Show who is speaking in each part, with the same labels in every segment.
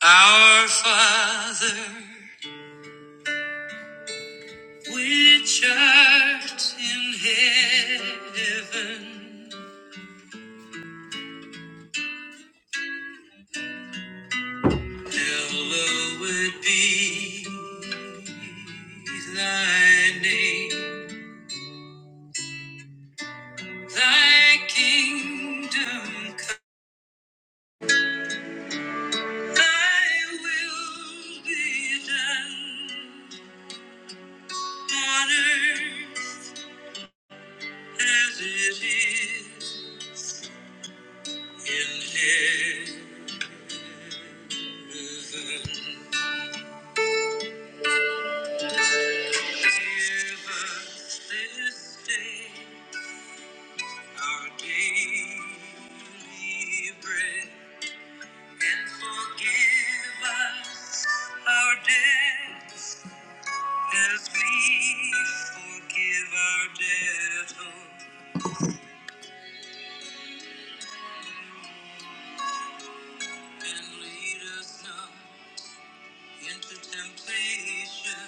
Speaker 1: Our Father, which art in heaven, hallowed be thy name. Thy kingdom come, thy will be done on earth as it is in heaven. Give us this day Our daily bread and forgive us our debts as we forgive our debtors. And lead us not into temptation,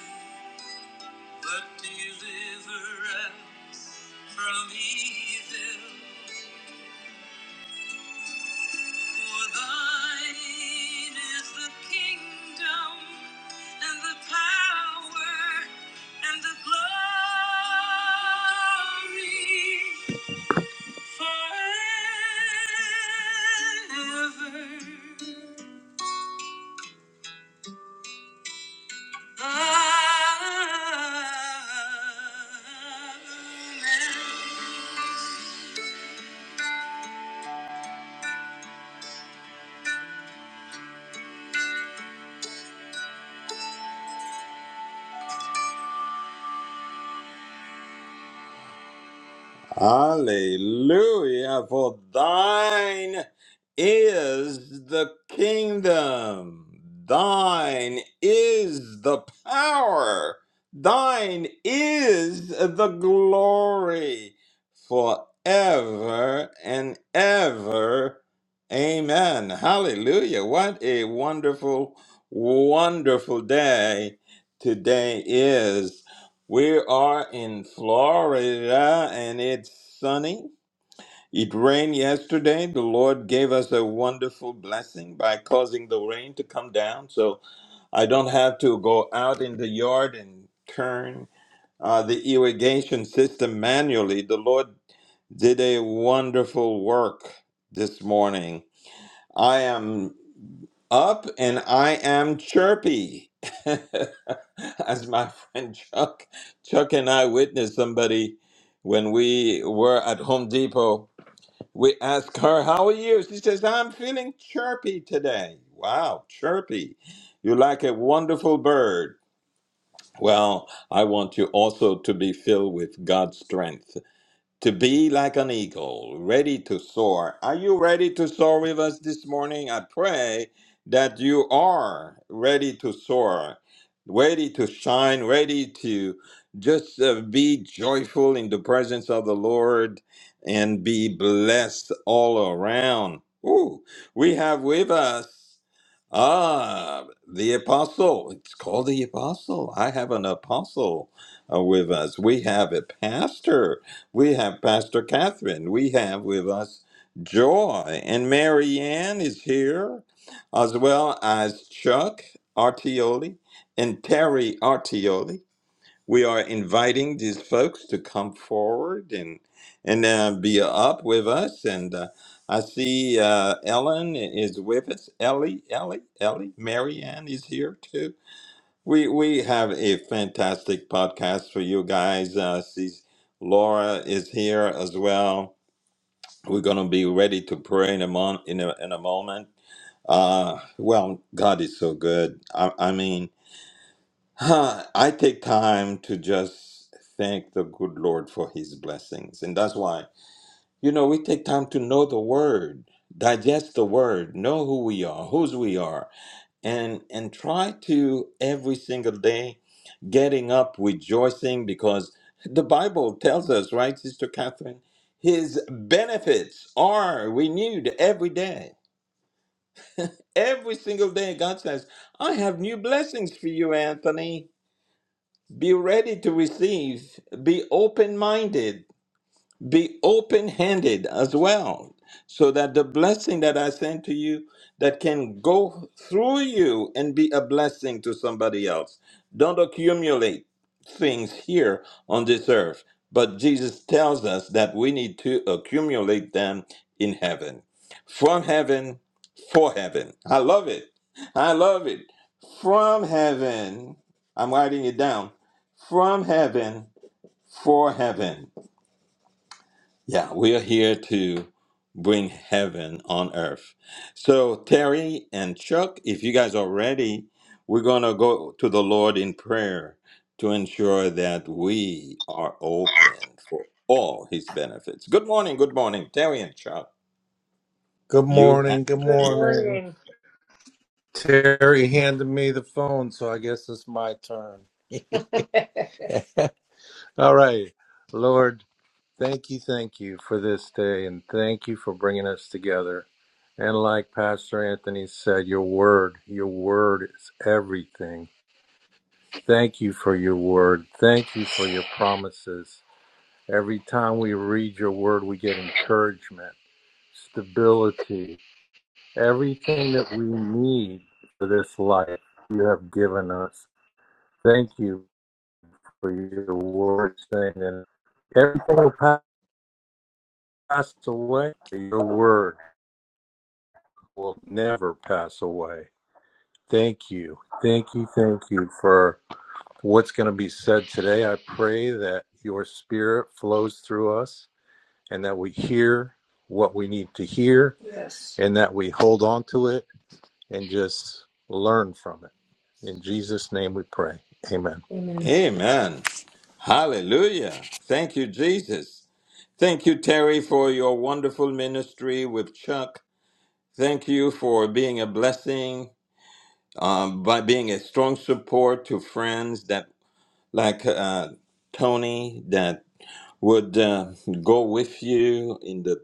Speaker 1: but deliver us from evil. For thine is the kingdom and the power and the glory forever. Amen. Hallelujah, for thine is the kingdom, thine is the power, thine is the glory forever and ever. Amen. Hallelujah. What a wonderful, wonderful day today is. We are in Florida and it's sunny. It rained yesterday. The Lord gave us a wonderful blessing by causing the rain to come down. So I don't have to go out in the yard and turn uh, the irrigation system manually. The Lord did a wonderful work this morning. I am. Up and I am chirpy. As my friend Chuck, Chuck and I witnessed somebody when we were at Home Depot. We asked her, How are you? She says, I'm feeling chirpy today. Wow, chirpy. You're like a wonderful bird. Well, I want you also to be filled with God's strength. To be like an eagle, ready to soar. Are you ready to soar with us this morning? I pray that you are ready to soar, ready to shine, ready to just uh, be joyful in the presence of the Lord and be blessed all around. Ooh, we have with us ah the apostle. It's called the apostle. I have an apostle uh, with us. We have a pastor. We have Pastor Catherine. We have with us Joy. And Marianne is here, as well as Chuck Artioli and Terry Artioli. We are inviting these folks to come forward and and uh, be up with us. And uh, I see uh, Ellen is with us. Ellie, Ellie, Ellie. Marianne is here too. We we have a fantastic podcast for you guys. Uh, she's, Laura is here as well. We're gonna be ready to pray in a mon- in a in a moment. Uh, well, God is so good. I, I mean, huh, I take time to just thank the good Lord for His blessings, and that's why you know we take time to know the Word, digest the Word, know who we are, whose we are and and try to every single day getting up rejoicing because the bible tells us right sister catherine his benefits are renewed every day every single day god says i have new blessings for you anthony be ready to receive be open minded be open handed as well, so that the blessing that I send to you that can go through you and be a blessing to somebody else. Don't accumulate things here on this earth, but Jesus tells us that we need to accumulate them in heaven. From heaven, for heaven. I love it. I love it. From heaven, I'm writing it down. From heaven, for heaven yeah, we are here to bring heaven on earth. So, Terry and Chuck, if you guys are ready, we're going to go to the Lord in prayer to ensure that we are open for all his benefits. Good morning, good morning, Terry and Chuck.
Speaker 2: Good
Speaker 1: You have
Speaker 2: morning. Good Good
Speaker 1: the floor.
Speaker 2: morning. morning. Terry handed me the phone, so I guess it's my turn. All right. Lord, thank you, thank you for this day, and thank you for bringing us together. And like Pastor Anthony said, your word, your word is everything. Thank you for your word. Thank you for your promises. Every time we read your word, we get encouragement, stability, Everything that we need for this life, you have given us. Thank you for your word saying that everything will pass away. Your word will never pass away. Thank you. Thank you. Thank you for what's going to be said today. I pray that your spirit flows through us and that we hear what we need to hear yes, and that we hold on to it and just learn from it. In Jesus' name we pray. Amen. Amen.
Speaker 1: Amen. Hallelujah. Thank you, Jesus. Thank you, Terry, for your wonderful ministry with Chuck. Thank you for being a blessing um, by being a strong support to friends that like uh, Tony that would uh, go with you in the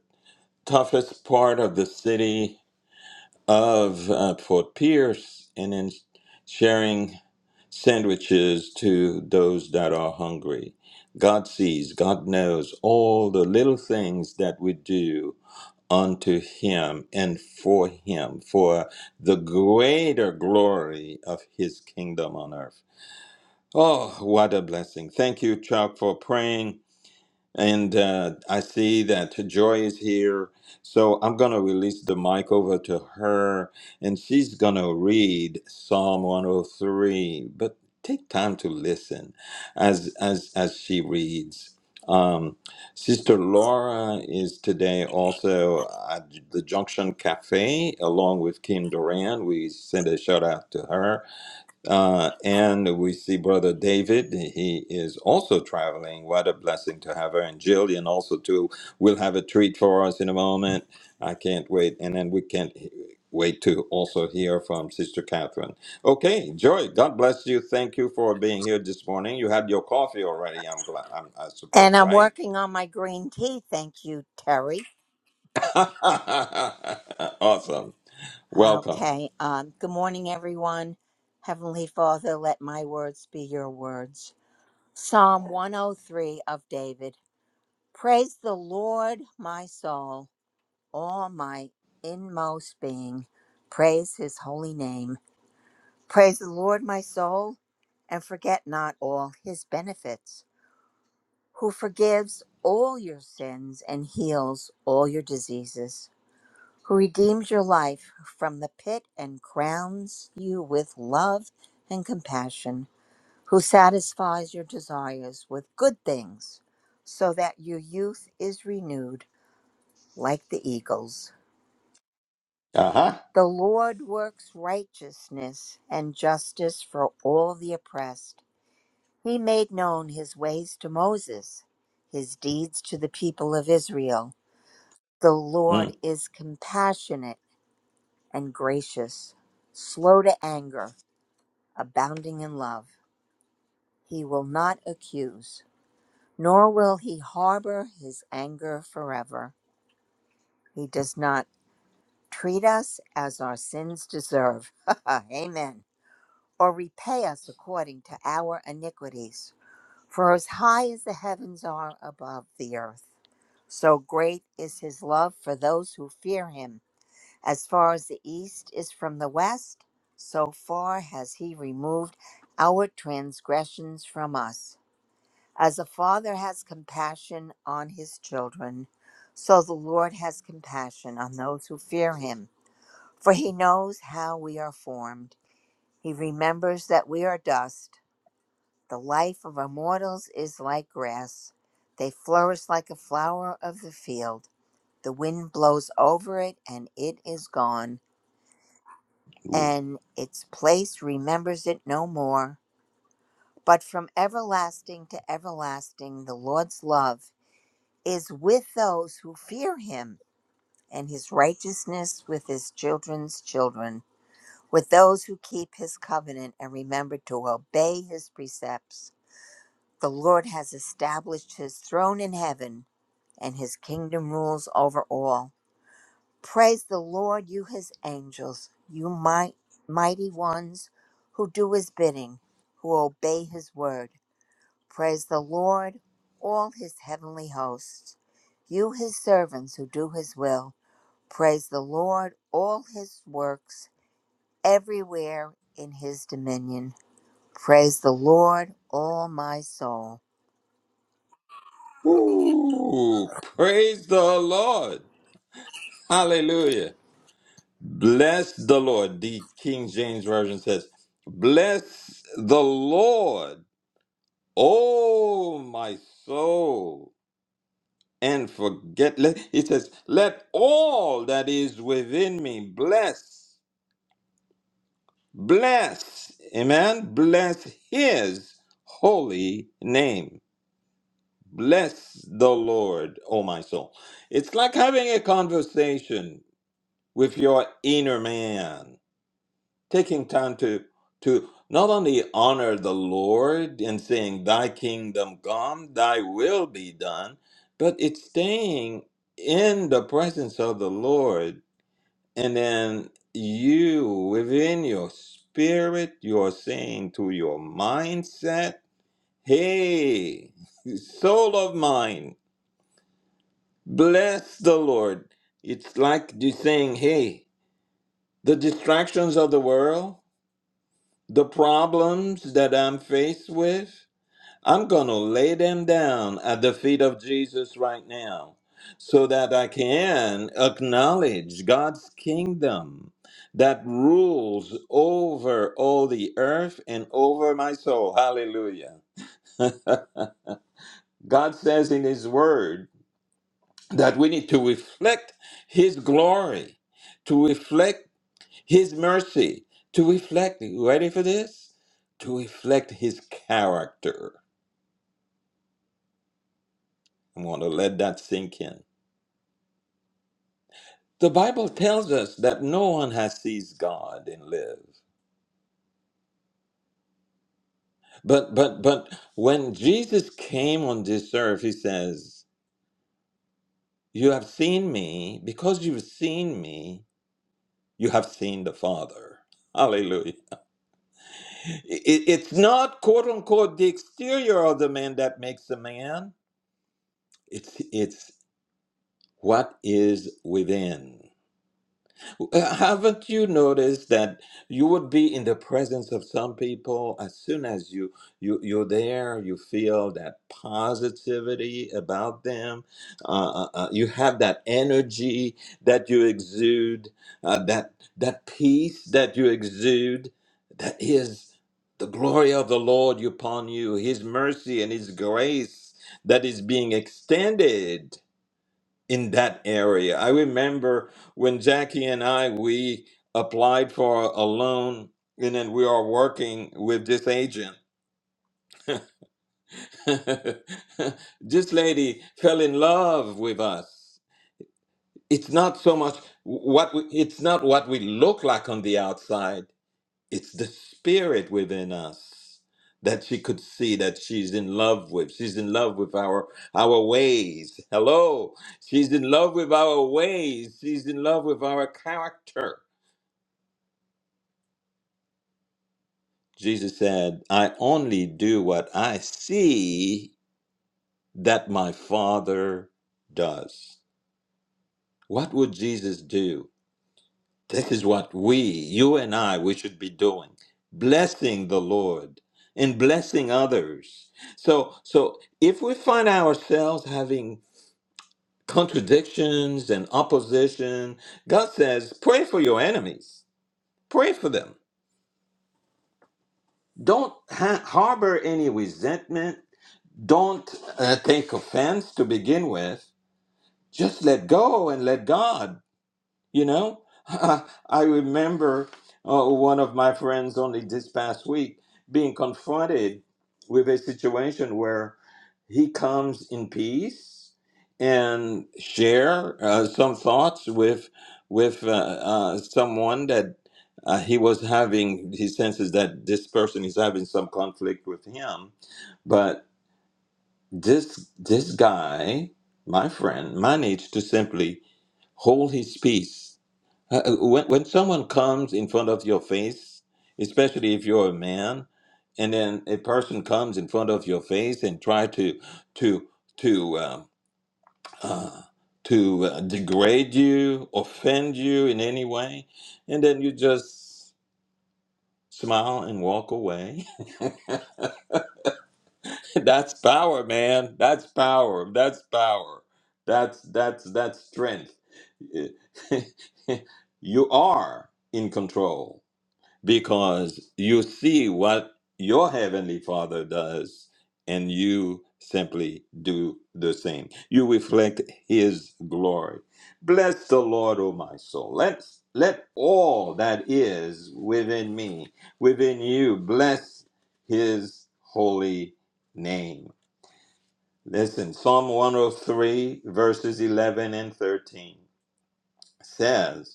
Speaker 1: toughest part of the city of uh, Fort Pierce and in sharing sandwiches to those that are hungry. God sees, God knows all the little things that we do unto him and for him for the greater glory of his kingdom on earth. Oh, what a blessing. Thank you, Chuck, for praying and uh, I see that Joy is here. So I'm going to release the mic over to her and she's going to read Psalm 103. But take time to listen as, as, as she reads. Um, Sister Laura is today also at the Junction Cafe along with Kim Duran. We send a shout out to her. Uh, and we see Brother David. He is also traveling. What a blessing to have her. And Jillian also, too, we will have a treat for us in a moment. I can't wait. And then we can't wait to also hear from Sister Catherine. Okay, Joy, God bless you. Thank you for being here this morning. You had your coffee already, I'm glad, I'm, I
Speaker 3: And
Speaker 1: suppose,
Speaker 3: I'm
Speaker 1: right?
Speaker 3: working on my green tea. Thank you, Terry.
Speaker 1: awesome. Welcome.
Speaker 3: Okay. Um, good morning, everyone. Heavenly Father, let my words be your words. Psalm 103 of David. Praise the Lord, my soul, all my inmost being. Praise his holy name. Praise the Lord, my soul, and forget not all his benefits, who forgives all your sins and heals all your diseases who redeems your life from the pit and crowns you with love and compassion, who satisfies your desires with good things, so that your youth is renewed like the eagles.
Speaker 1: Uh-huh.
Speaker 3: The Lord works righteousness and justice for all the oppressed. He made known his ways to Moses, his deeds to the people of Israel. The Lord
Speaker 1: Mm.
Speaker 3: is compassionate and gracious, slow to anger abounding in love. He will not accuse, nor will he harbor his anger forever. He does not treat us as our sins deserve. Amen. Or repay us according to our iniquities. For as high as the heavens are above the earth, so great is his love for those who fear him. As far as the east is from the west, so far has he removed our transgressions from us. As a father has compassion on his children, so the Lord has compassion on those who fear him. For he knows how we are formed. He remembers that we are dust. The life of our mortals is like grass. They flourish like a flower of the field. The wind blows over it, and it is gone, and its place remembers it no more. But from everlasting to everlasting, the Lord's love is with those who fear him, and his righteousness with his children's children, with those who keep his covenant and remember to obey his precepts. The Lord has established his throne in heaven, and his kingdom rules over all. Praise the Lord, you his angels, you might, mighty ones who do his bidding, who obey his word. Praise the Lord, all his heavenly hosts. You, his servants who do his will. Praise the Lord, all his works, everywhere in his dominion. Praise the Lord, all my soul.
Speaker 1: Ooh, praise the Lord. Hallelujah. Bless the Lord. The King James Version says, Bless the Lord, oh my soul, and forget. let- It says, Let all that is within me bless, bless, amen, bless his holy name. Bless the Lord, oh my soul. It's like having a conversation with your inner man taking time to to not only honor the Lord in saying thy kingdom come, thy will be done, but it's staying in the presence of the Lord and then you within your spirit you're saying to your mindset, hey, soul of mine, bless the Lord. It's like you saying, hey, the distractions of the world, the problems that I'm faced with, I'm going to lay them down at the feet of Jesus right now so that I can acknowledge God's kingdom that rules over all the earth and over my soul. Hallelujah. God says in His Word that we need to reflect His glory, to reflect his mercy to reflect, you ready for this? To reflect His character. I'm going to let that sink in. The Bible tells us that no one has seen God and live. But but but when Jesus came on this earth, he says, "You have seen me, because you've seen me, you have seen the Father." Hallelujah. It- it's not quote unquote the exterior of the man that makes the man. It's it's what is within. Uh, Haven't you noticed that you would be in the presence of some people as soon as you, you you're there, you feel that positivity about them. Uh, uh, uh, you have that energy that you exude, uh, that that peace that you exude, that is the glory of the Lord upon you, His mercy and His grace that is being extended in that area. I remember when Jackie and I we applied for a loan and then we are working with this agent. this lady fell in love with us. It's not so much what we, it's not what we look like on the outside. it's the spirit within us that she could see that she's in love with she's in love with our our ways hello she's in love with our ways she's in love with our character jesus said i only do what i see that my father does what would jesus do This is what we, you and I, we should be doing. Blessing the Lord and blessing others. So so if we find ourselves having contradictions and opposition, God says, pray for your enemies. Pray for them. Don't ha- harbor any resentment. Don't uh, take offense to begin with. Just let go and let God You know, I remember uh, one of my friends only this past week being confronted with a situation where he comes in peace and share uh, some thoughts with with uh, uh, someone that uh, he was having. He senses that this person is having some conflict with him, but this this guy, my friend, managed to simply hold his peace uh, uh, When, when someone comes in front of your face, especially if you're a man, and then a person comes in front of your face and try to to to uh, uh, to uh, degrade you, offend you in any way, and then you just smile and walk away. that's power, man. That's power. That's power. That's that's that's strength. you are in control because you see what your heavenly father does and you simply do the same you reflect his glory bless the lord o my soul let let all that is within me within you bless his holy name listen psalm 103 verses 11 and 13 says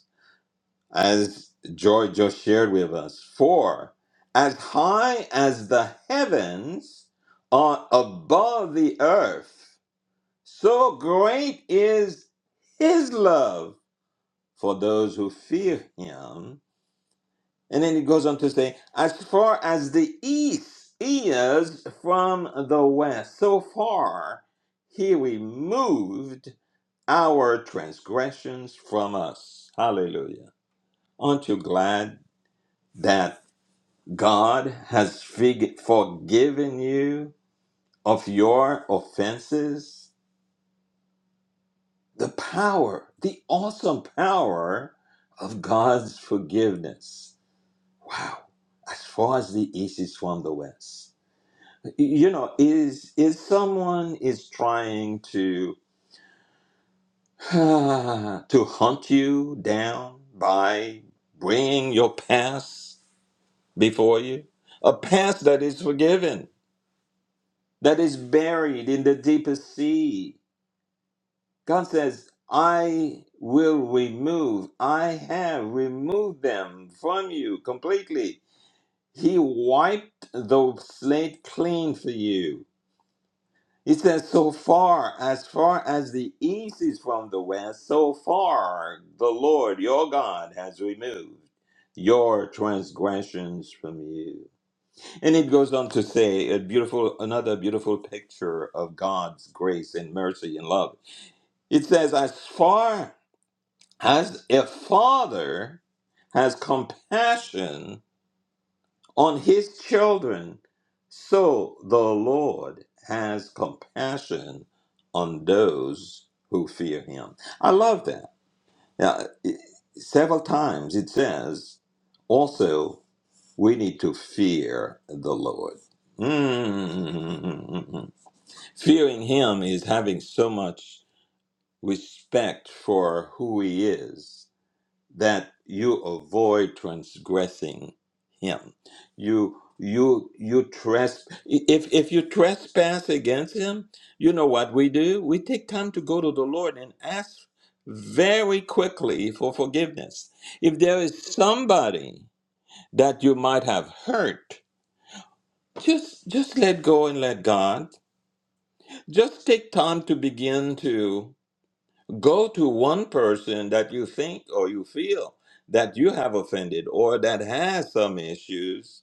Speaker 1: as Joy just shared with us. For as high as the heavens are above the earth, so great is his love for those who fear him. And then it goes on to say, as far as the east is from the west, so far he removed our transgressions from us. Hallelujah. Aren't you glad that? God has fig- forgiven you of your offenses. The power, the awesome power of God's forgiveness. Wow. As far as the east is from the west. You know, is is someone is trying to to hunt you down by bringing your past before you? A past that is forgiven that is buried in the deepest sea. God says, I will remove, I have removed them from you completely. He wiped the slate clean for you. He says, So far, as far as the east is from the west, so far the Lord your God has removed your transgressions from you. And it goes on to say a beautiful another beautiful picture of God's grace and mercy and love. It says, as far as a father has compassion on his children, so the Lord has compassion on those who fear him. I love that. Now, it- several times it says also we need to fear the Lord. Mm. Fearing Him is having so much respect for who He is that you avoid transgressing Him. You you you tresp if if you trespass against Him, you know what we do? We take time to go to the Lord and ask very quickly for forgiveness. If there is somebody that you might have hurt just just let go and let God. Just take time to begin to go to one person that you think or you feel that you have offended or that has some issues.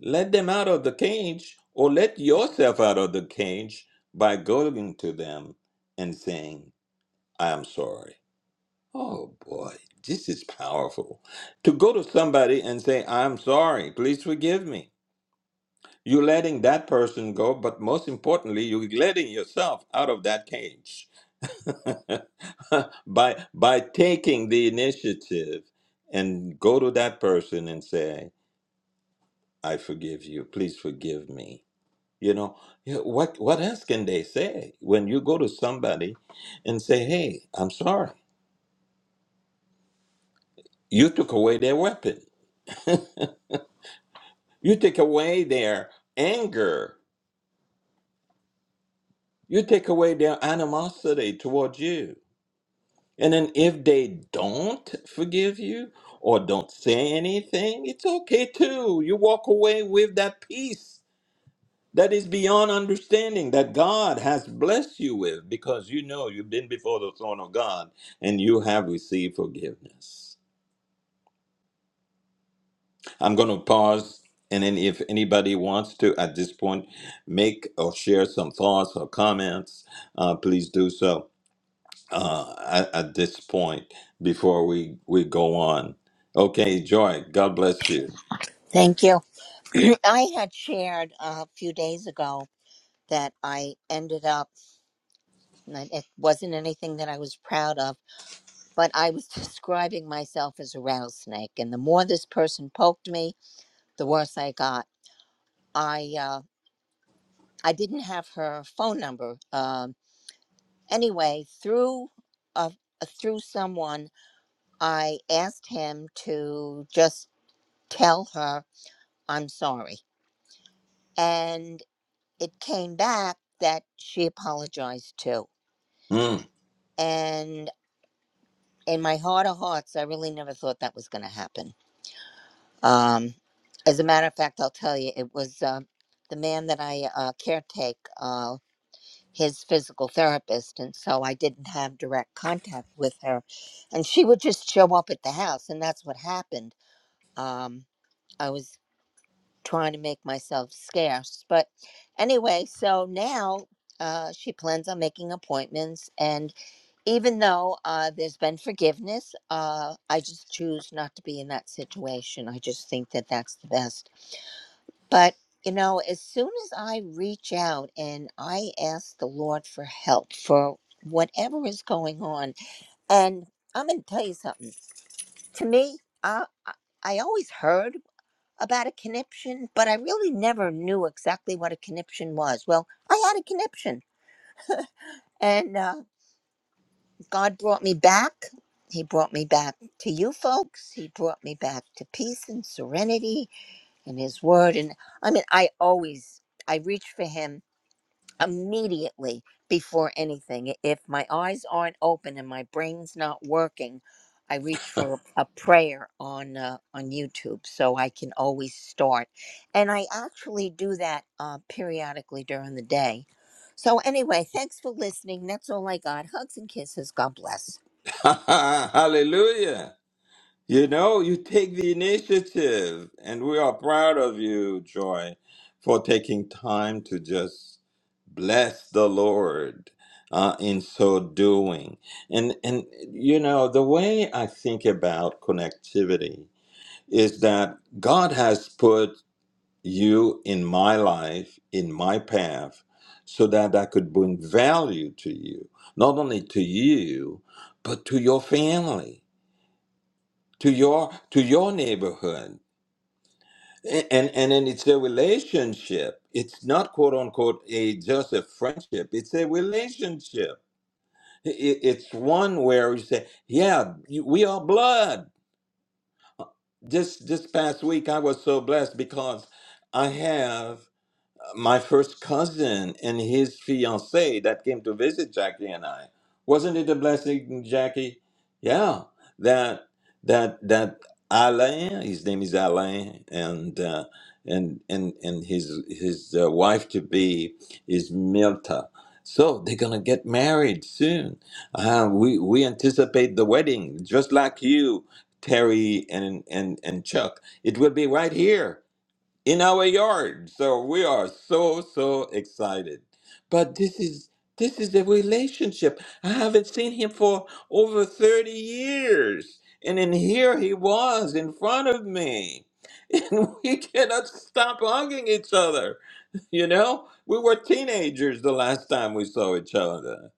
Speaker 1: Let them out of the cage or let yourself out of the cage by going to them and saying, I am sorry. Oh boy, this is powerful. To go to somebody and say, I'm sorry, please forgive me. You're letting that person go, but most importantly, you're letting yourself out of that cage by by taking the initiative and go to that person and say, "I forgive you. Please forgive me." You know you know, what? What else can they say when you go to somebody and say, "Hey, I'm sorry. You took away their weapon. you take away their anger. You take away their animosity towards you." And then if they don't forgive you or don't say anything, it's okay too. You walk away with that peace that is beyond understanding that God has blessed you with because you know you've been before the throne of God and you have received forgiveness. I'm going to pause. And then, if anybody wants to at this point make or share some thoughts or comments, uh, please do so. uh, at, at this point before we, we go on. Okay, Joy, God bless you.
Speaker 3: Thank you. I had shared a few days ago that I ended up, and it wasn't anything that I was proud of, but I was describing myself as a rattlesnake. And the more this person poked me, the worse I got. I, uh, I didn't have her phone number. Um, anyway, through uh, through someone, I asked him to just tell her I'm sorry, and it came back that she apologized too.
Speaker 1: Mm.
Speaker 3: And in my heart of hearts, I really never thought that was going to happen. Um, as a matter of fact, I'll tell you, it was uh, the man that I uh, caretake. Uh, his physical therapist and so I didn't have direct contact with her and she would just show up at the house and that's what happened um I was trying to make myself scarce but anyway so now uh, she plans on making appointments and even though uh, there's been forgiveness uh, i just choose not to be in that situation i just think that that's the best but, you know, as soon as I reach out and I ask the Lord for help for whatever is going on, and I'm going to tell you something. To me, I, I I always heard about a conniption, but I really never knew exactly what a conniption was. Well, I had a conniption, and uh, God brought me back. He brought me back to you folks. He brought me back to peace and serenity and His Word. And I mean, I always I reach for Him immediately before anything. If my eyes aren't open and my brain's not working, I reach for a prayer on uh, on YouTube so I can always start. And I actually do that uh, periodically during the day. So anyway, thanks for listening. That's all I got. Hugs and kisses. God bless.
Speaker 1: Hallelujah. You know, you take the initiative, and we are proud of you, Joy, for taking time to just bless the Lord uh, in so doing. And, and, you know, the way I think about connectivity is that God has put you in my life, in my path, so that I could bring value to you, not only to you, but to your family, to your to your neighborhood. A- And and then it's a relationship. It's not quote unquote a just a friendship. It's a relationship. I- i- It's one where you say, yeah, you- we are blood. This this past week, I was so blessed because I have. my first cousin and his fiancee that came to visit Jackie and I. Wasn't it a blessing, Jackie? Yeah, that that that Alain, his name is Alain, and uh, and and and his his uh, wife to be is Milta. So they're gonna get married soon. Uh, we we anticipate the wedding, just like you, Terry and and and Chuck. It will be right here in our yard. So we are so so excited. But this is this is a relationship. I haven't seen him for over 30 years. And then here he was in front of me. And we cannot stop hugging each other. You know, we were teenagers the last time we saw each other.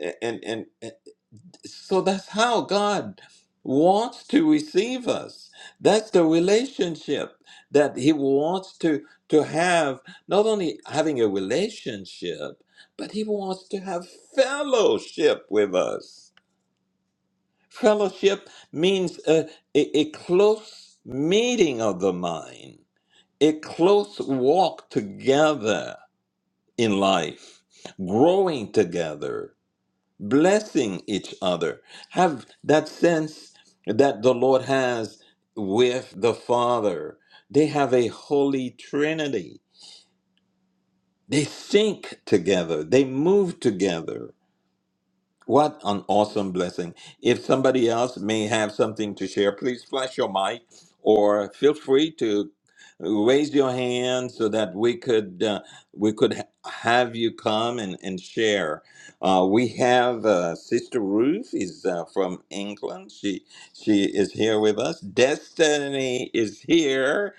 Speaker 1: And and and, so that's how God wants to receive us. That's the relationship that He wants to, to have, not only having a relationship, but He wants to have fellowship with us. Fellowship means a, a, a close meeting of the mind, a close walk together in life, growing together blessing each other. Have that sense that the Lord has with the Father. They have a holy trinity. They think together, they move together. What an awesome blessing. If somebody else may have something to share, please flash your mic or feel free to raise your hand so that we could uh, we could ha- have you come and, and share. Uh, we have uh, Sister Ruth is uh, from England. She she is here with us. Destiny is here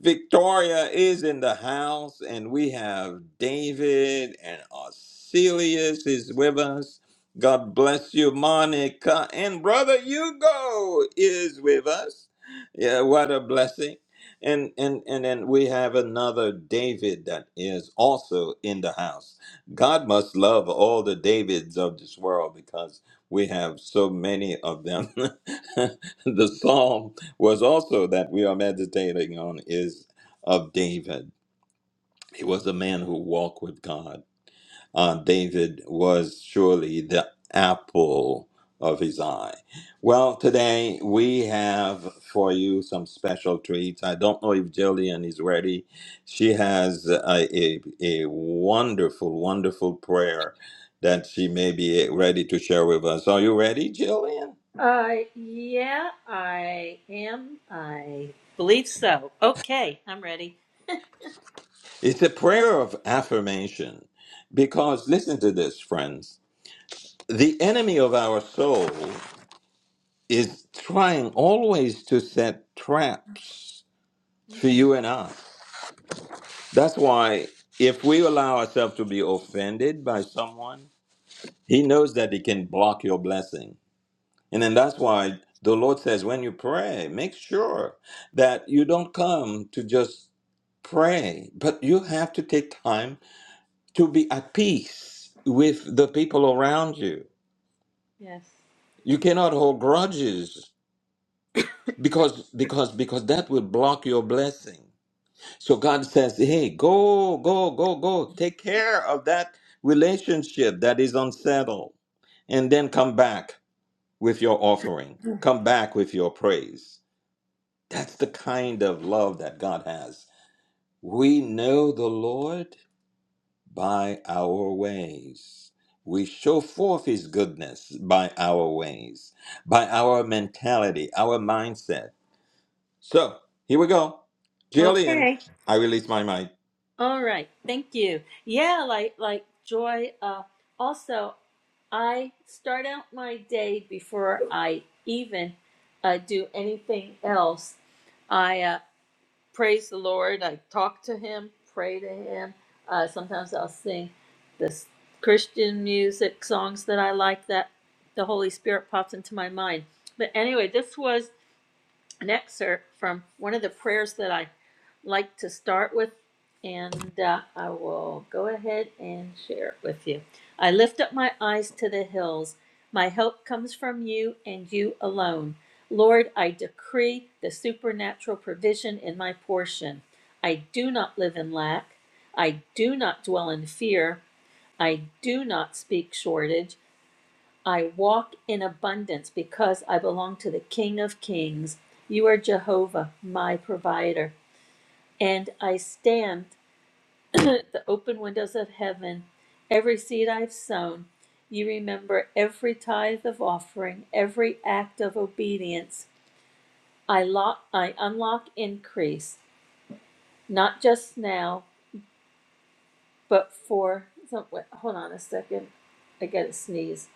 Speaker 1: Victoria is in the house, and we have David and Arcelius is with us. God bless you, Monica. And Brother Hugo is with us. Yeah, what a blessing. And, and and then we have another David that is also in the house. God must love all the Davids of this world because we have so many of them. the Psalm was also that we are meditating on is of David. He was a man who walked with God. Uh, David was surely the apple of his eye. Well, today we have for you some special treats. I don't know if Jillian is ready. She has a, a, a wonderful, wonderful prayer that she may be ready to share with us. Are you ready, Jillian?
Speaker 4: Uh, yeah, I am. I believe so. Okay, I'm ready.
Speaker 1: It's a
Speaker 4: Uh,
Speaker 1: prayer of affirmation because listen to this, friends. The enemy of our soul is trying always to set traps for you and I. That's why if we allow ourselves to be offended by someone, he knows that he can block your blessing. And then that's why the Lord says when you pray, make sure that you don't come to just pray, but you have to take time to be at peace with the people around you.
Speaker 4: yes.
Speaker 1: You cannot hold grudges because because because that will block your blessing. So God says, "Hey, go, go, go, go. Take care of that relationship that is unsettled, and then come back with your offering. Come back with your praise." That's the kind of love that God has. We know the Lord by our ways. We show forth His goodness by our ways, by our mentality, our mindset. So here we go. Jillian,
Speaker 4: Okay.
Speaker 1: I release my mic.
Speaker 4: All right. Thank you. Yeah, like like Joy. Uh, also, I start out my day before I even uh, do anything else. praise the Lord. I talk to Him, pray to Him. Uh, sometimes I'll sing this Christian music songs that I like. That the Holy Spirit pops into my mind. But anyway, this was an excerpt from one of the prayers that I like to start with, and uh, I will go ahead and share it with you. I lift up my eyes to the hills. My help comes from you and you alone. Lord, I decree the supernatural provision in my portion. I do not live in lack. I do not dwell in fear. I do not speak shortage. I walk in abundance because I belong to the King of Kings. You are Jehovah, my provider. And I stand at the open windows of heaven. Every seed I've sown, you remember every tithe of offering, every act of obedience. I, lock, I unlock increase, not just now, but for. so- wait, Hold on a second. I got to sneeze.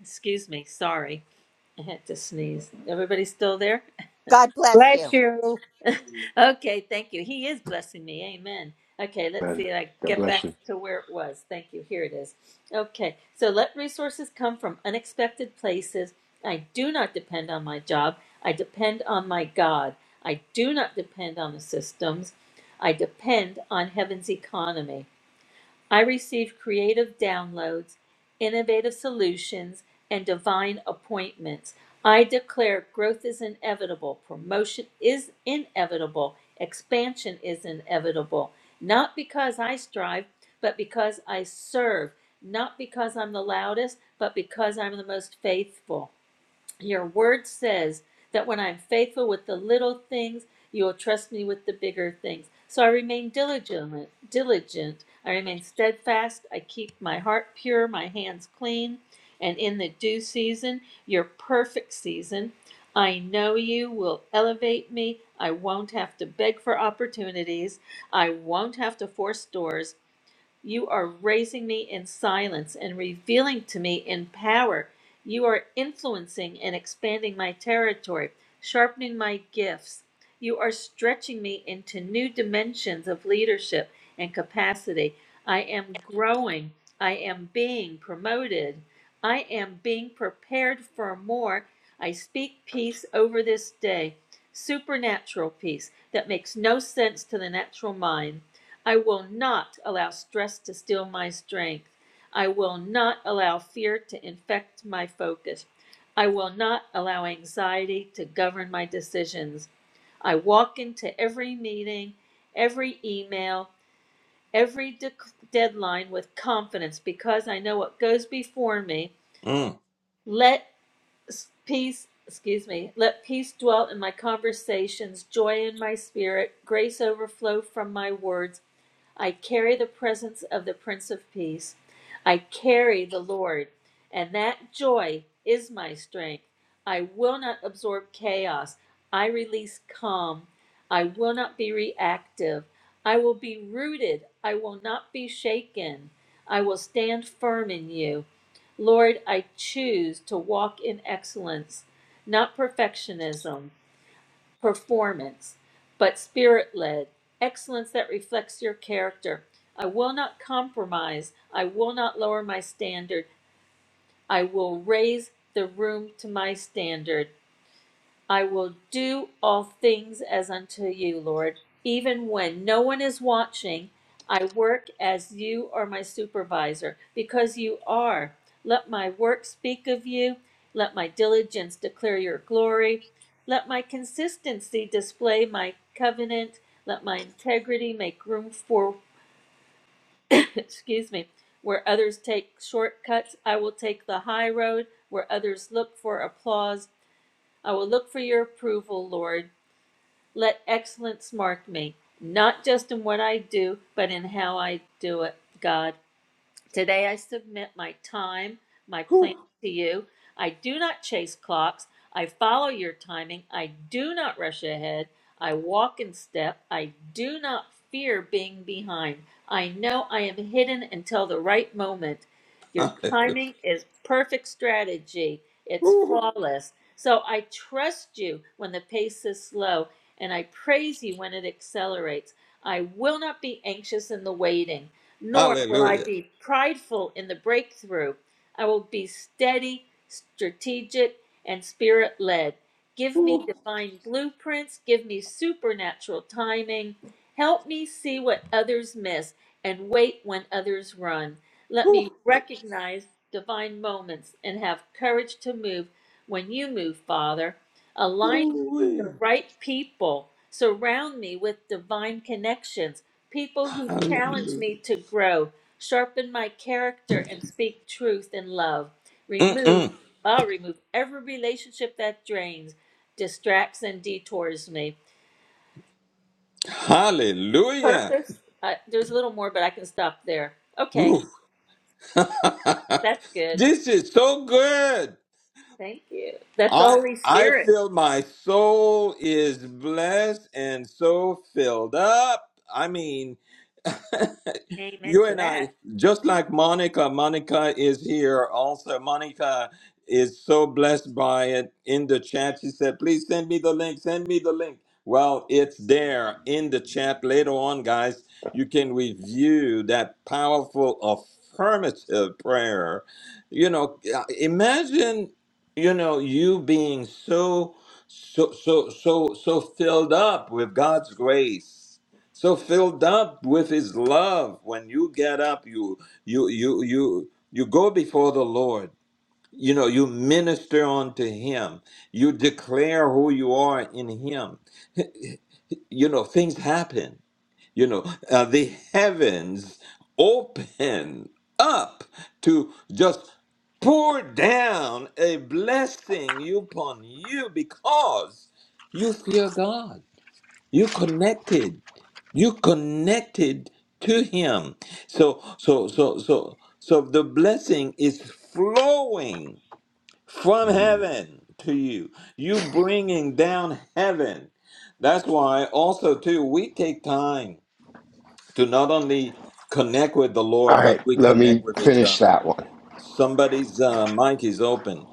Speaker 4: Excuse me. Sorry. I had to sneeze. Everybody still there?
Speaker 3: God bless you.
Speaker 2: Bless you.
Speaker 4: Okay, thank you. He is blessing me. Amen. Okay, let's
Speaker 5: Man,
Speaker 4: see. I
Speaker 5: God
Speaker 4: get
Speaker 5: bless
Speaker 4: back
Speaker 5: you.
Speaker 4: to where it was. Thank you. Here it is. Okay, so let resources come from unexpected places. I do not depend on my job. I depend on my God. I do not depend on the systems. I depend on heaven's economy. I receive creative downloads, innovative solutions, and divine appointments. I declare growth is inevitable, promotion is inevitable, expansion is inevitable, not because I strive, but because I serve, not because I'm the loudest, but because I'm the most faithful. Your word says that when I'm faithful with the little things, you will trust me with the bigger things. So I remain diligent, diligent. I remain steadfast. I keep my heart pure, my hands clean. And in the due season, your perfect season, I know you will elevate me. I won't have to beg for opportunities. I won't have to force doors. You are raising me in silence and revealing to me in power. You are influencing and expanding my territory, sharpening my gifts. You are stretching me into new dimensions of leadership and capacity. I am growing. I am being promoted. I am being prepared for more. I speak peace over this day, supernatural peace that makes no sense to the natural mind. I will not allow stress to steal my strength. I will not allow fear to infect my focus. I will not allow anxiety to govern my decisions. I walk into every meeting, every email, every de- deadline with confidence because I know what goes before me.
Speaker 1: Mm.
Speaker 4: Let s- peace, excuse me, let peace dwell in my conversations, joy in my spirit, grace overflow from my words I carry the presence of the Prince of Peace. I carry the Lord, and that joy is my strength. I will not absorb chaos. I release calm. I will not be reactive. I will be rooted. I will not be shaken. I will stand firm in you. Lord, I choose to walk in excellence, not perfectionism performance, but spirit led, excellence that reflects your character. I will not compromise. I will not lower my standard. I will raise the room to my standard. I will do all things as unto you, Lord. Even when no one is watching, I work as you are my supervisor, because you are. Let my work speak of you. Let my diligence declare your glory. Let my consistency display my covenant. Let my integrity make room for, excuse me, where others take shortcuts, I will take the high road. Where others look for applause, I will look for your approval, Lord. Let excellence mark me, not just in what I do, but in how I do it, God. Today I submit my time, my
Speaker 1: Whew.
Speaker 4: plan to you. I do not chase clocks. I follow your timing. I do not rush ahead. I walk in step. I do not fear being behind. I know I am hidden until the right moment. Your
Speaker 1: Hallelujah.
Speaker 4: timing is perfect strategy. It's
Speaker 1: Whew.
Speaker 4: flawless. So I trust you when the pace is slow, and I praise you when it accelerates. I will not be anxious in the waiting nor will I
Speaker 1: Hallelujah.
Speaker 4: be prideful in the breakthrough. I will be steady, strategic, and spirit led. Give me
Speaker 1: Whew.
Speaker 4: divine blueprints, give me supernatural timing. Help me see what others miss and wait when others run. Let
Speaker 1: Whew.
Speaker 4: me recognize divine moments and have courage to move when you move, Father. Align
Speaker 1: Whew-wee.
Speaker 4: the right people. Surround me with divine connections, people who challenge
Speaker 1: Hallelujah.
Speaker 4: me to grow, sharpen my character, and speak truth in love. Remove,
Speaker 1: Mm-mm.
Speaker 4: I'll remove every relationship that drains, distracts, and detours me.
Speaker 1: Hallelujah.
Speaker 4: Purpose. Uh, there's a little more, but I can stop there. Okay,
Speaker 1: Whew.
Speaker 4: that's good.
Speaker 1: this is so good.
Speaker 4: Thank you. That's
Speaker 1: I
Speaker 4: Holy
Speaker 1: I
Speaker 4: Spirit.
Speaker 1: feel my soul is blessed and so filled up. I mean,
Speaker 4: Amen
Speaker 1: You
Speaker 4: to
Speaker 1: and
Speaker 4: that.
Speaker 1: I, just like Monica, Monica is here also. Monica is so blessed by it in the chat. She said, Please send me the link, send me the link. Well, it's there in the chat later on, guys. You can review that powerful affirmative prayer. You know, uh, imagine, you know, you being so, so, so, so, so filled up with God's grace so filled up with his love when you get up you you you you you go before the lord you know you minister unto him you declare who you are in him you know things happen you know uh, the heavens open up to just pour down a blessing upon you because you fear god you connected you connected to him so so so so so the blessing is flowing from
Speaker 5: Mhm.
Speaker 1: heaven to you you bringing down heaven that's why also too we take time to not only connect with the
Speaker 5: All
Speaker 1: lord but
Speaker 5: right,
Speaker 1: we
Speaker 5: let
Speaker 1: connect
Speaker 5: me
Speaker 1: with each
Speaker 5: finish
Speaker 1: other
Speaker 5: that one.
Speaker 1: somebody's uh, mic is open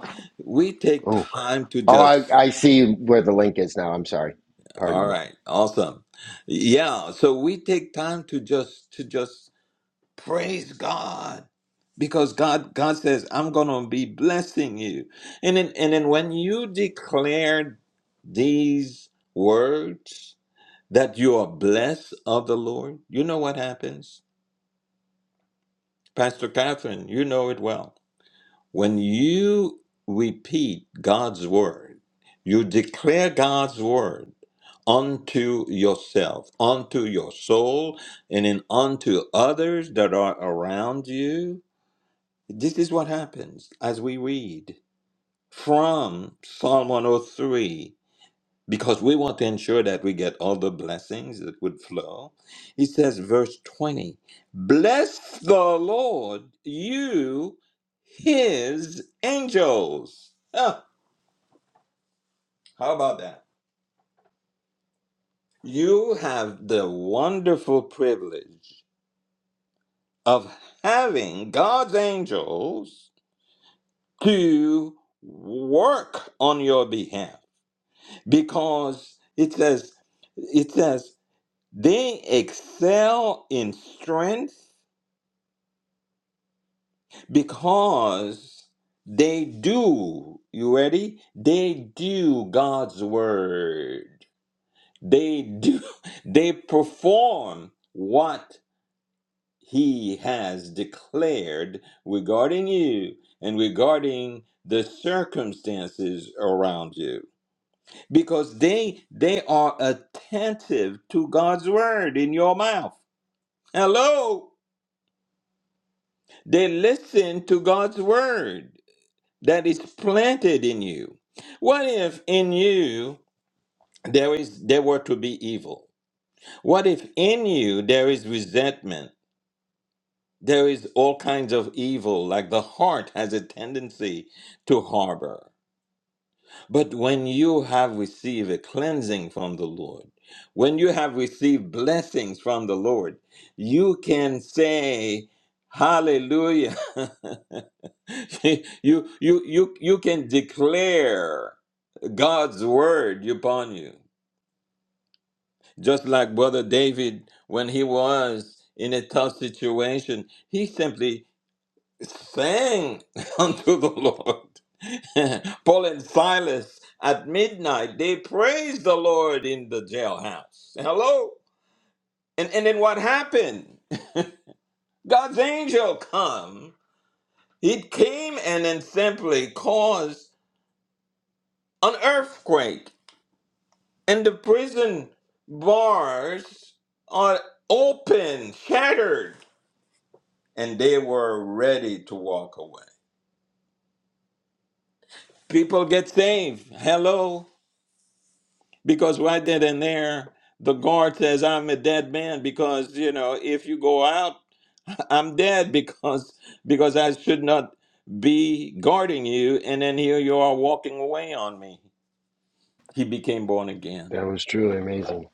Speaker 1: we take
Speaker 5: Oh,
Speaker 1: time to
Speaker 5: oh,
Speaker 1: just
Speaker 5: I, I see where the link is now. I'm sorry.
Speaker 1: All
Speaker 5: Pardon me.
Speaker 1: right, awesome. Yeah, so we take time to just to just praise God because God God says I'm going to be blessing you. And then and then when you declare these words that you are blessed of the Lord, you know what happens? Pastor Catherine, you know it well when you repeat God's word, you declare God's word unto yourself, unto your soul, and then unto others that are around you. This is what happens as we read from Psalm 103 because we want to ensure that we get all the blessings that would flow. He says, verse 20, Bless the Lord, you, his angels. Huh, how about that? You have the wonderful privilege of having God's angels to work on your behalf because it says, it says, they excel in strength because they do you ready they do god's word they do they perform what he has declared regarding you and regarding the circumstances around you because they they are attentive to god's word in your mouth hello they listen to god's word that is planted in you? What if in you there is there were to be evil? What if in you there is resentment? There is all kinds of evil, like the heart has a tendency to harbor. But when you have received a cleansing from the Lord, when you have received blessings from the Lord, you can say, Hallelujah. you, you, you, you can declare. God's word upon you. Just like Brother David, when he was in a tough situation, he simply sang unto the Lord. Paul and Silas at midnight, they praised the Lord in the jailhouse. Hello? And, and then what happened? God's angel come. It came and then simply caused an earthquake and the prison bars are open, shattered, and they were ready to walk away. People get saved. Hello. Because right then and there, the guard says, I'm a dead man because, you know, if you go out, I'm dead because because I should not be guarding you. And then here you are walking away on me. He became born again.
Speaker 5: That was truly amazing.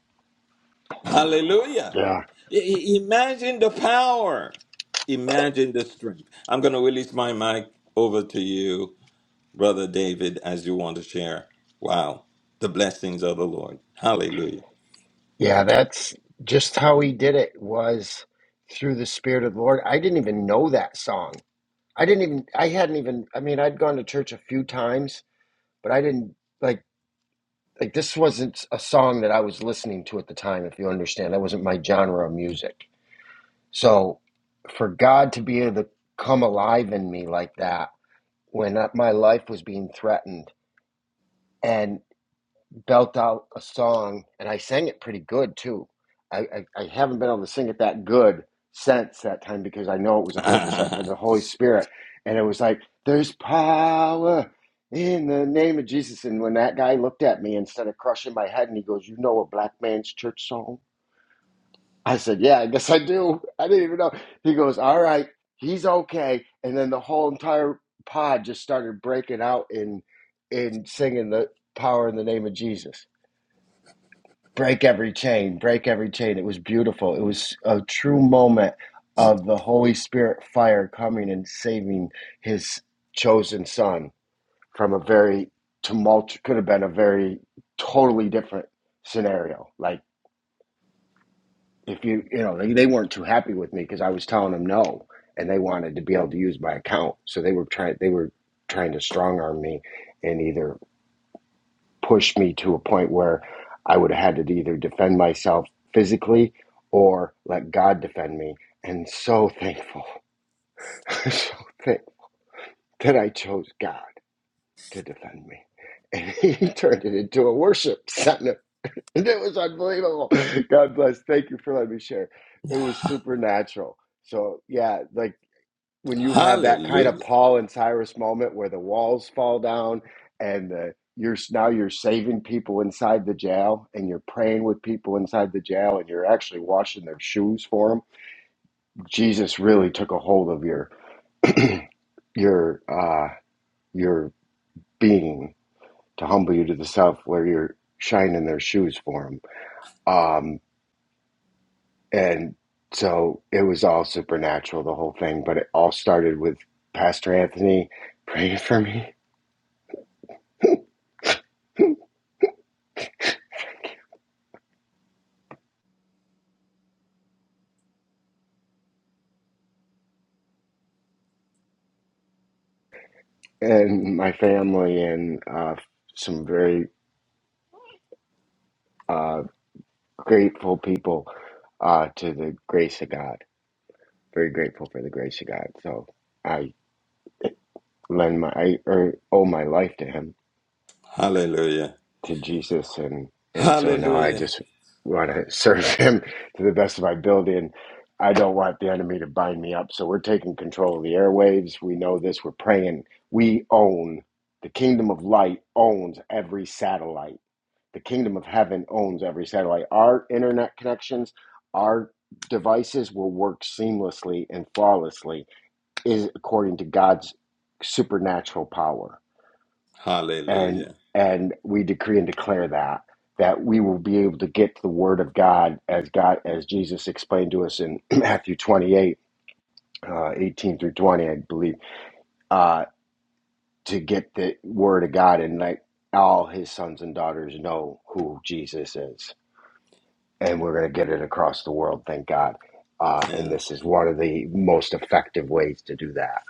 Speaker 1: Hallelujah.
Speaker 5: Yeah,
Speaker 1: I- I- Imagine the power. Imagine the strength. I'm going to release my mic over to you, Brother David, as you want to share. Wow. The blessings of the Lord. Hallelujah.
Speaker 5: yeah. That's just how he did it. Was through the Spirit of the Lord. I didn't even know that song. I didn't even. I hadn't even. I mean, I'd gone to church a few times, but I didn't like. Like this wasn't a song that I was listening to at the time. If you understand, that wasn't my genre of music. So for God to be able to come alive in me like that when my life was being threatened and belt out a song and I sang it pretty good too. I, I, I haven't been able to sing it that good since that time because I know it was 100% from the Holy Spirit. And it was like, there's power in the name of Jesus. And when that guy looked at me instead of crushing my head and he goes, You know a black man's church song? I said, Yeah, I guess I do. I didn't even know. He goes, All right, he's okay. And then the whole entire pod just started breaking out in in singing the power in the name of Jesus. Break every chain, break every chain. It was beautiful. It was a true moment of the Holy Spirit fire coming and saving his chosen son from a very tumultuous could have been a very totally different scenario. Like if you you know they, they weren't too happy with me because I was telling them no, and they wanted to be able to use my account, so they were trying they were trying to strong arm me and either push me to a point where I would have had to either defend myself physically or let God defend me. And so thankful, so thankful that I chose God to defend me, and He turned it into a worship center It was unbelievable. God bless. Thank you for letting me share. It was supernatural. So, yeah, like when you have that kind of
Speaker 1: Hallelujah.
Speaker 5: Paul and Cyrus moment where the walls fall down and the, you're now you're saving people inside the jail and you're praying with people inside the jail and you're actually washing their shoes for them. Jesus really took a hold of your your uh your being to humble you to the self where you're shining their shoes for them And so it was all supernatural, the whole thing. But it all started with Pastor Anthony praying for me and my family and uh, some very uh, grateful people uh, to the grace of God. Very grateful for the grace of God. So I lend my, I er, owe my life to him.
Speaker 1: Hallelujah.
Speaker 5: to Jesus, and and so now I
Speaker 1: Hallelujah.
Speaker 5: just want to serve Him to the best of my ability, and I don't want the enemy to bind me up. So we're taking control of the airwaves. We know this. We're praying. We own the kingdom of light. Owns every satellite. The kingdom of heaven owns every satellite. Our internet connections, our devices will work seamlessly and flawlessly is according to God's supernatural power and
Speaker 1: Hallelujah.
Speaker 5: and we decree and declare that that we will be able to get to the word of God as God as Jesus explained to us in Matthew 28 uh, 18 through 20 I believe uh, to get the word of God and let all his sons and daughters know who Jesus is and we're going to get it across the world thank God uh, and
Speaker 1: And
Speaker 5: this is one of the most effective ways to do that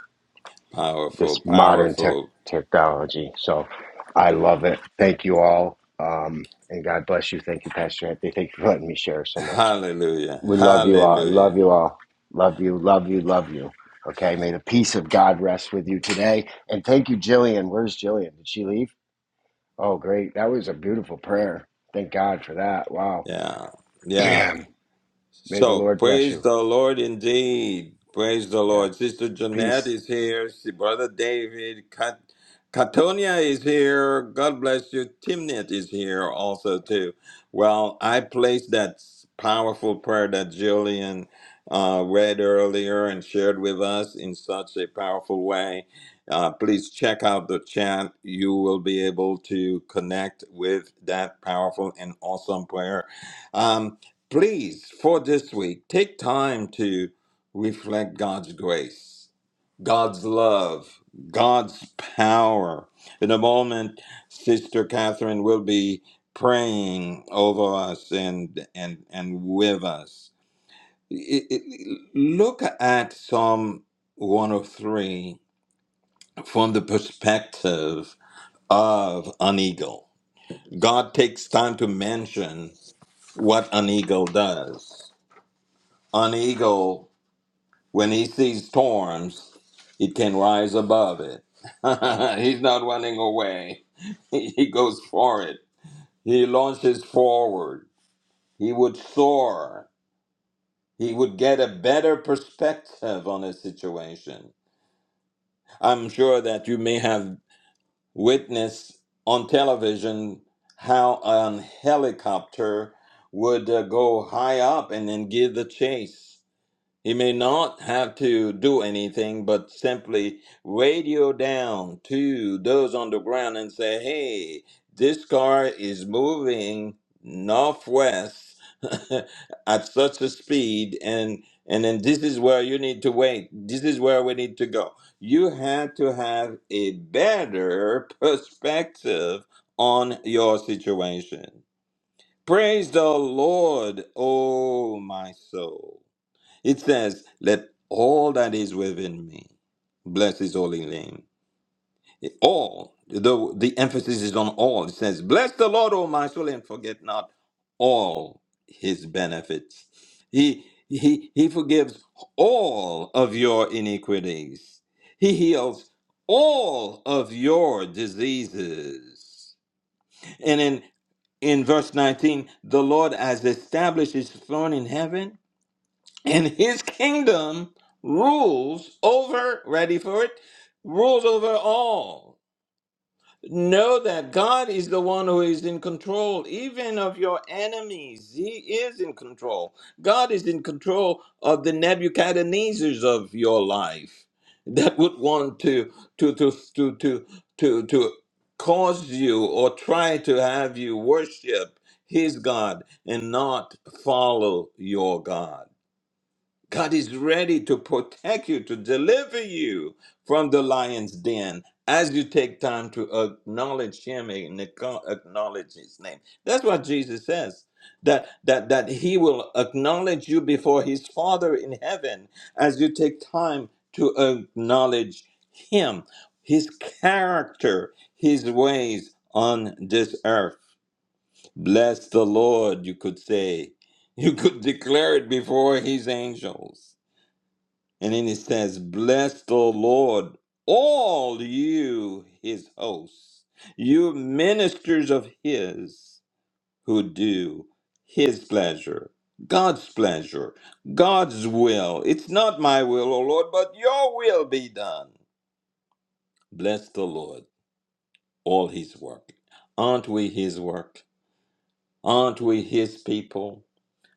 Speaker 5: this
Speaker 1: powerful,
Speaker 5: modern tech
Speaker 1: powerful.
Speaker 5: technology. So I love it. Thank you all. Um, and God bless you. Thank you, Pastor Anthony. Thank you for letting me share so much.
Speaker 1: Hallelujah.
Speaker 5: We love you all.
Speaker 1: Hallelujah.
Speaker 5: Love you all. Love you. Love you. Love you. Okay. May the peace of God rest with you today. And thank you, Jillian. Where's Jillian? Did she leave? Oh, great. That was a beautiful prayer. Thank God for that. Wow.
Speaker 1: Yeah. Yeah.
Speaker 5: Man. May the
Speaker 1: So
Speaker 5: Lord bless
Speaker 1: praise
Speaker 5: you.
Speaker 1: the Lord indeed. Praise the
Speaker 5: Yeah.
Speaker 1: Lord. Sister Jeanette
Speaker 5: Peace.
Speaker 1: is here. Si- Brother David. Kat- Katonia is here. God bless you. Timnit is here also too. Well, I placed that powerful prayer that Jillian uh, read earlier and shared with us in such a powerful way. Uh, please check out the chat. You will be able to connect with that powerful and awesome prayer. Um, please, for this week, take time to reflect God's grace, God's love, God's power. In a moment, Sister Catherine will be praying over us and and and with us. I- I- Look at Psalm 103 from the perspective of an eagle. God takes time to mention what an eagle does. An eagle When he sees storms, he can rise above it. He's not running away. He goes for it. He launches forward. He would soar. He would get a better perspective on a situation. I'm sure that you may have witnessed on television how an helicopter would uh, go high up and then give the chase. He may not have to do anything but simply radio down to those on the ground and say, hey, this car is moving northwest at such a speed and and then this is where you need to wait. This is where we need to go. You have to have a better perspective on your situation. Praise the Lord, oh my soul. It says, Let all that is within me bless his holy name. All, though the emphasis is on all. It says, Bless the Lord, O my soul, and forget not all his benefits. He, he, he forgives all of your iniquities, he heals all of your diseases. And in, in verse 19, the Lord has established his throne in heaven and his kingdom rules over ready for it rules over all know that god is the one who is in control even of your enemies he is in control god is in control of the nebuchadnezzars of your life that would want to to to to to to, to cause you or try to have you worship his god and not follow your god God is ready to protect you, to deliver you from the lion's den as you take time to acknowledge him and acknow- acknowledge his name. That's what Jesus says. That, that that he will acknowledge you before his father in heaven as you take time to acknowledge him his character his ways on this earth bless the lord you could say you could declare it before his angels and then it says, Bless the Lord, all you, his hosts, you ministers of his who do his pleasure, God's pleasure, God's will. It's not my will, O Lord, but your will be done. Bless the Lord, all his work. Aren't we his work? Aren't we his people?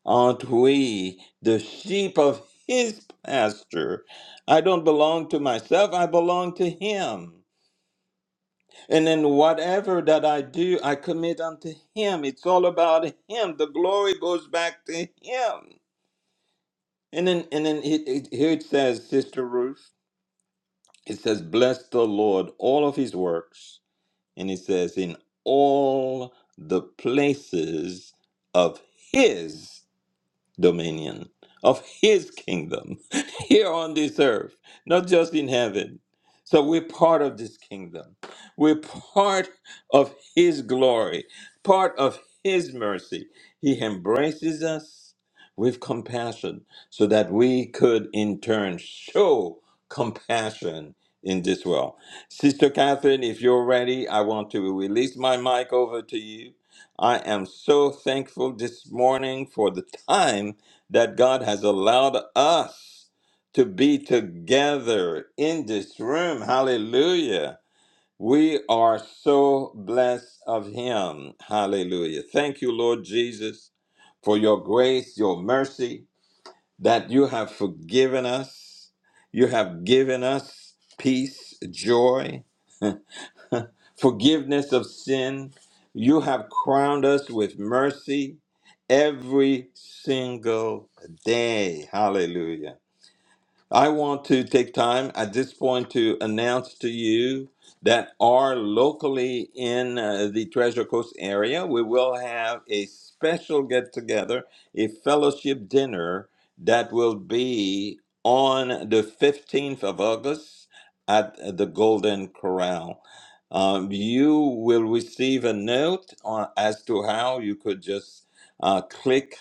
Speaker 1: Aren't we the sheep of his pasture? I don't belong to myself, I belong to him. And in whatever that I do, I commit unto him. It's all about him. The glory goes back to him. And then, and then it, it, here it says, Sister Ruth, it says, Bless the Lord, all of his works. And it says, In all the places of his dominion of his kingdom here on this earth, not just in heaven. So we're part of this kingdom. We're part of his glory, part of his mercy. He embraces us with compassion so that we could in turn show compassion in this world. Sister Catherine, if you're ready, I want to release my mic over to you I am so thankful this morning for the time that God has allowed us to be together in this room. Hallelujah. We are so blessed of Him. Hallelujah. Thank you, Lord Jesus, for your grace, your mercy, that you have forgiven us. You have given us peace, joy, forgiveness of sin. You have crowned us with mercy every single day. Hallelujah. I want to take time at this point to announce to you that are locally in uh, the Treasure Coast area, we will have a special get together, a fellowship dinner that will be on the 15th of August at the Golden Corral. Um, you will receive a note on, as to how you could just uh, click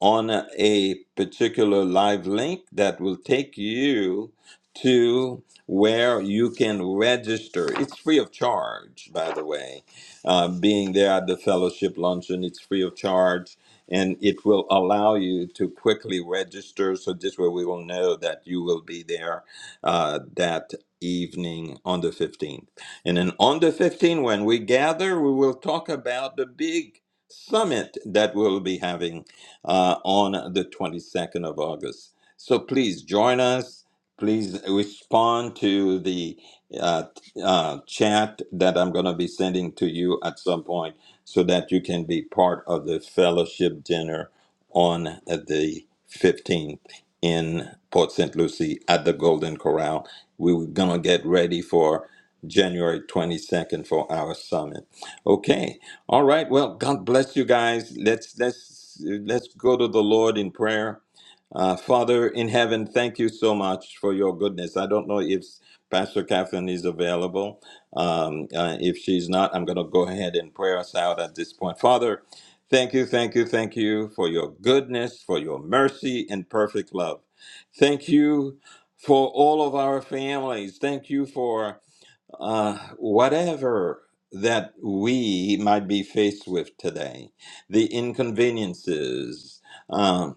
Speaker 1: on a particular live link that will take you to where you can register. It's free of charge, by the way. Uh, being there at the fellowship luncheon, it's free of charge and it will allow you to quickly register. So this way we will know that you will be there uh, that evening on the 15th. And then on the 15th, when we gather, we will talk about the big summit that we'll be having uh, on the 22nd of August. So please join us. Please respond to the uh, uh, chat that I'm going to be sending to you at some point so that you can be part of the fellowship dinner on the 15th in Port St. Lucie at the Golden Corral. We We're going to get ready for January 22nd for our summit. Okay, all right. Well, God bless you guys. Let's let's let's go to the Lord in prayer. Uh, Father in heaven, thank you so much for your goodness. I don't know if Pastor Catherine is available. Um, uh, if she's not, I'm going to go ahead and pray us out at this point. Father, thank you, thank you, thank you for your goodness, for your mercy and perfect love. Thank you for all of our families. Thank you for uh, whatever that we might be faced with today, the inconveniences, um,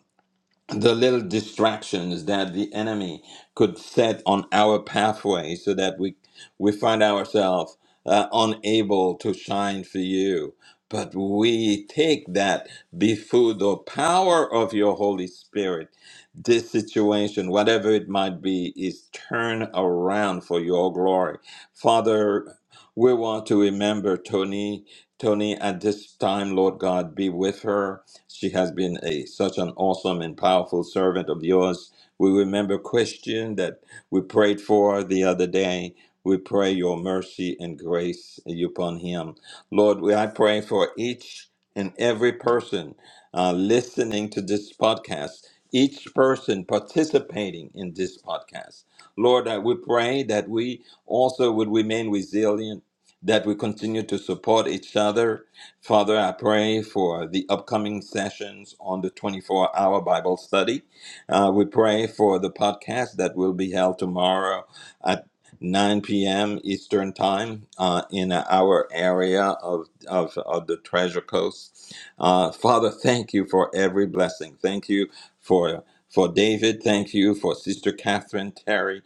Speaker 1: the little distractions that the enemy could set on our pathway so that we we find ourselves uh, unable to shine for you but we take that before the power of your holy spirit this situation whatever it might be is turned around for your glory father we want to remember tony tony at this time lord god be with her she has been a such an awesome and powerful servant of yours. We remember Christian that we prayed for the other day. We pray your mercy and grace upon him. Lord, we, I pray for each and every person uh, listening to this podcast, each person participating in this podcast. Lord, I we pray that we also would remain resilient, that we continue to support each other, Father, I pray for the upcoming sessions on the 24 hour Bible study. Uh, we pray for the podcast that will be held tomorrow at 9 p.m. Eastern Time uh, in our area of, of, of the Treasure Coast. Uh, Father, thank you for every blessing. Thank you for, for David. Thank you for Sister Catherine Terry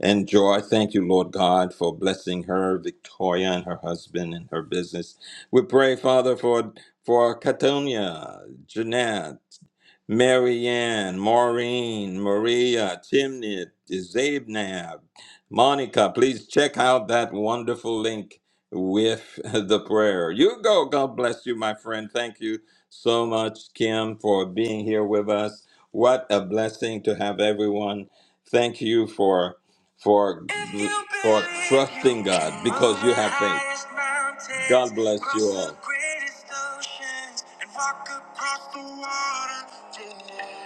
Speaker 1: and Joy. Thank you, Lord God, for blessing her, Victoria, and her husband and her business. We pray, Father, for for Catonia, Jeanette, Marianne, Maureen, Maria, Chimnit, Zabnab, Monica. Please check out that wonderful link with the prayer. You go. God bless you, my friend. Thank you so much, Kim, for being here with us. What a blessing to have everyone. Thank you for for for trusting God because you have faith. God bless you all.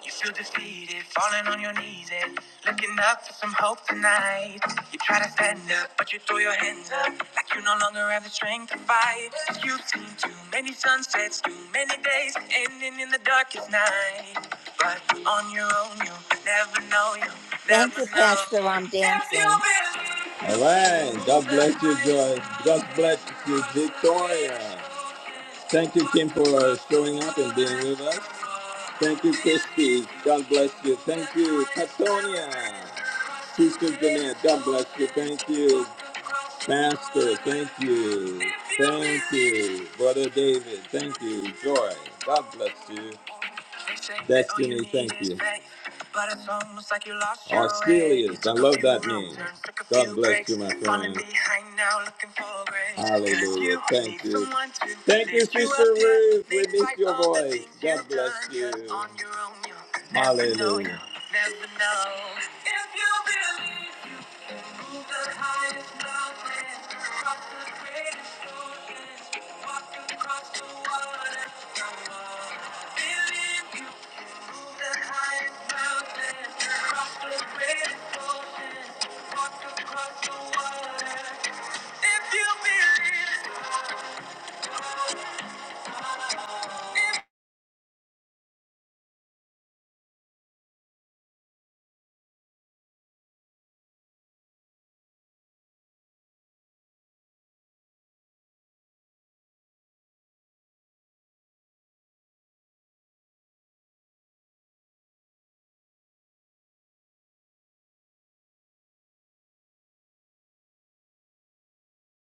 Speaker 1: You feel defeated, falling on your knees and looking up for some hope tonight. You try to stand up, but you throw your hands up like you no longer have the strength to fight. You've seen too many sunsets, too many days ending in the darkest night. But on your own, you'll never know, you'll
Speaker 3: Thank
Speaker 1: never
Speaker 3: you,
Speaker 1: know.
Speaker 3: Pastor. I'm
Speaker 1: If you
Speaker 3: dancing.
Speaker 1: believe. All right, God bless you, Joy. God bless you, Victoria. Thank you, Kim, for showing up and being with us. Thank you, Christy. God bless you. Thank you, Katonia. Sister Jeanette, God bless you. Thank you, Pastor. Thank you. Thank you, Brother David. Thank you, Joy. God bless you. Destiny, thank you. Or still I love that name. God bless you, my friend. Hallelujah. Thank you. Thank you, Sister Ruth. We miss your voice. God bless you. Hallelujah. Across the water, if you believe. if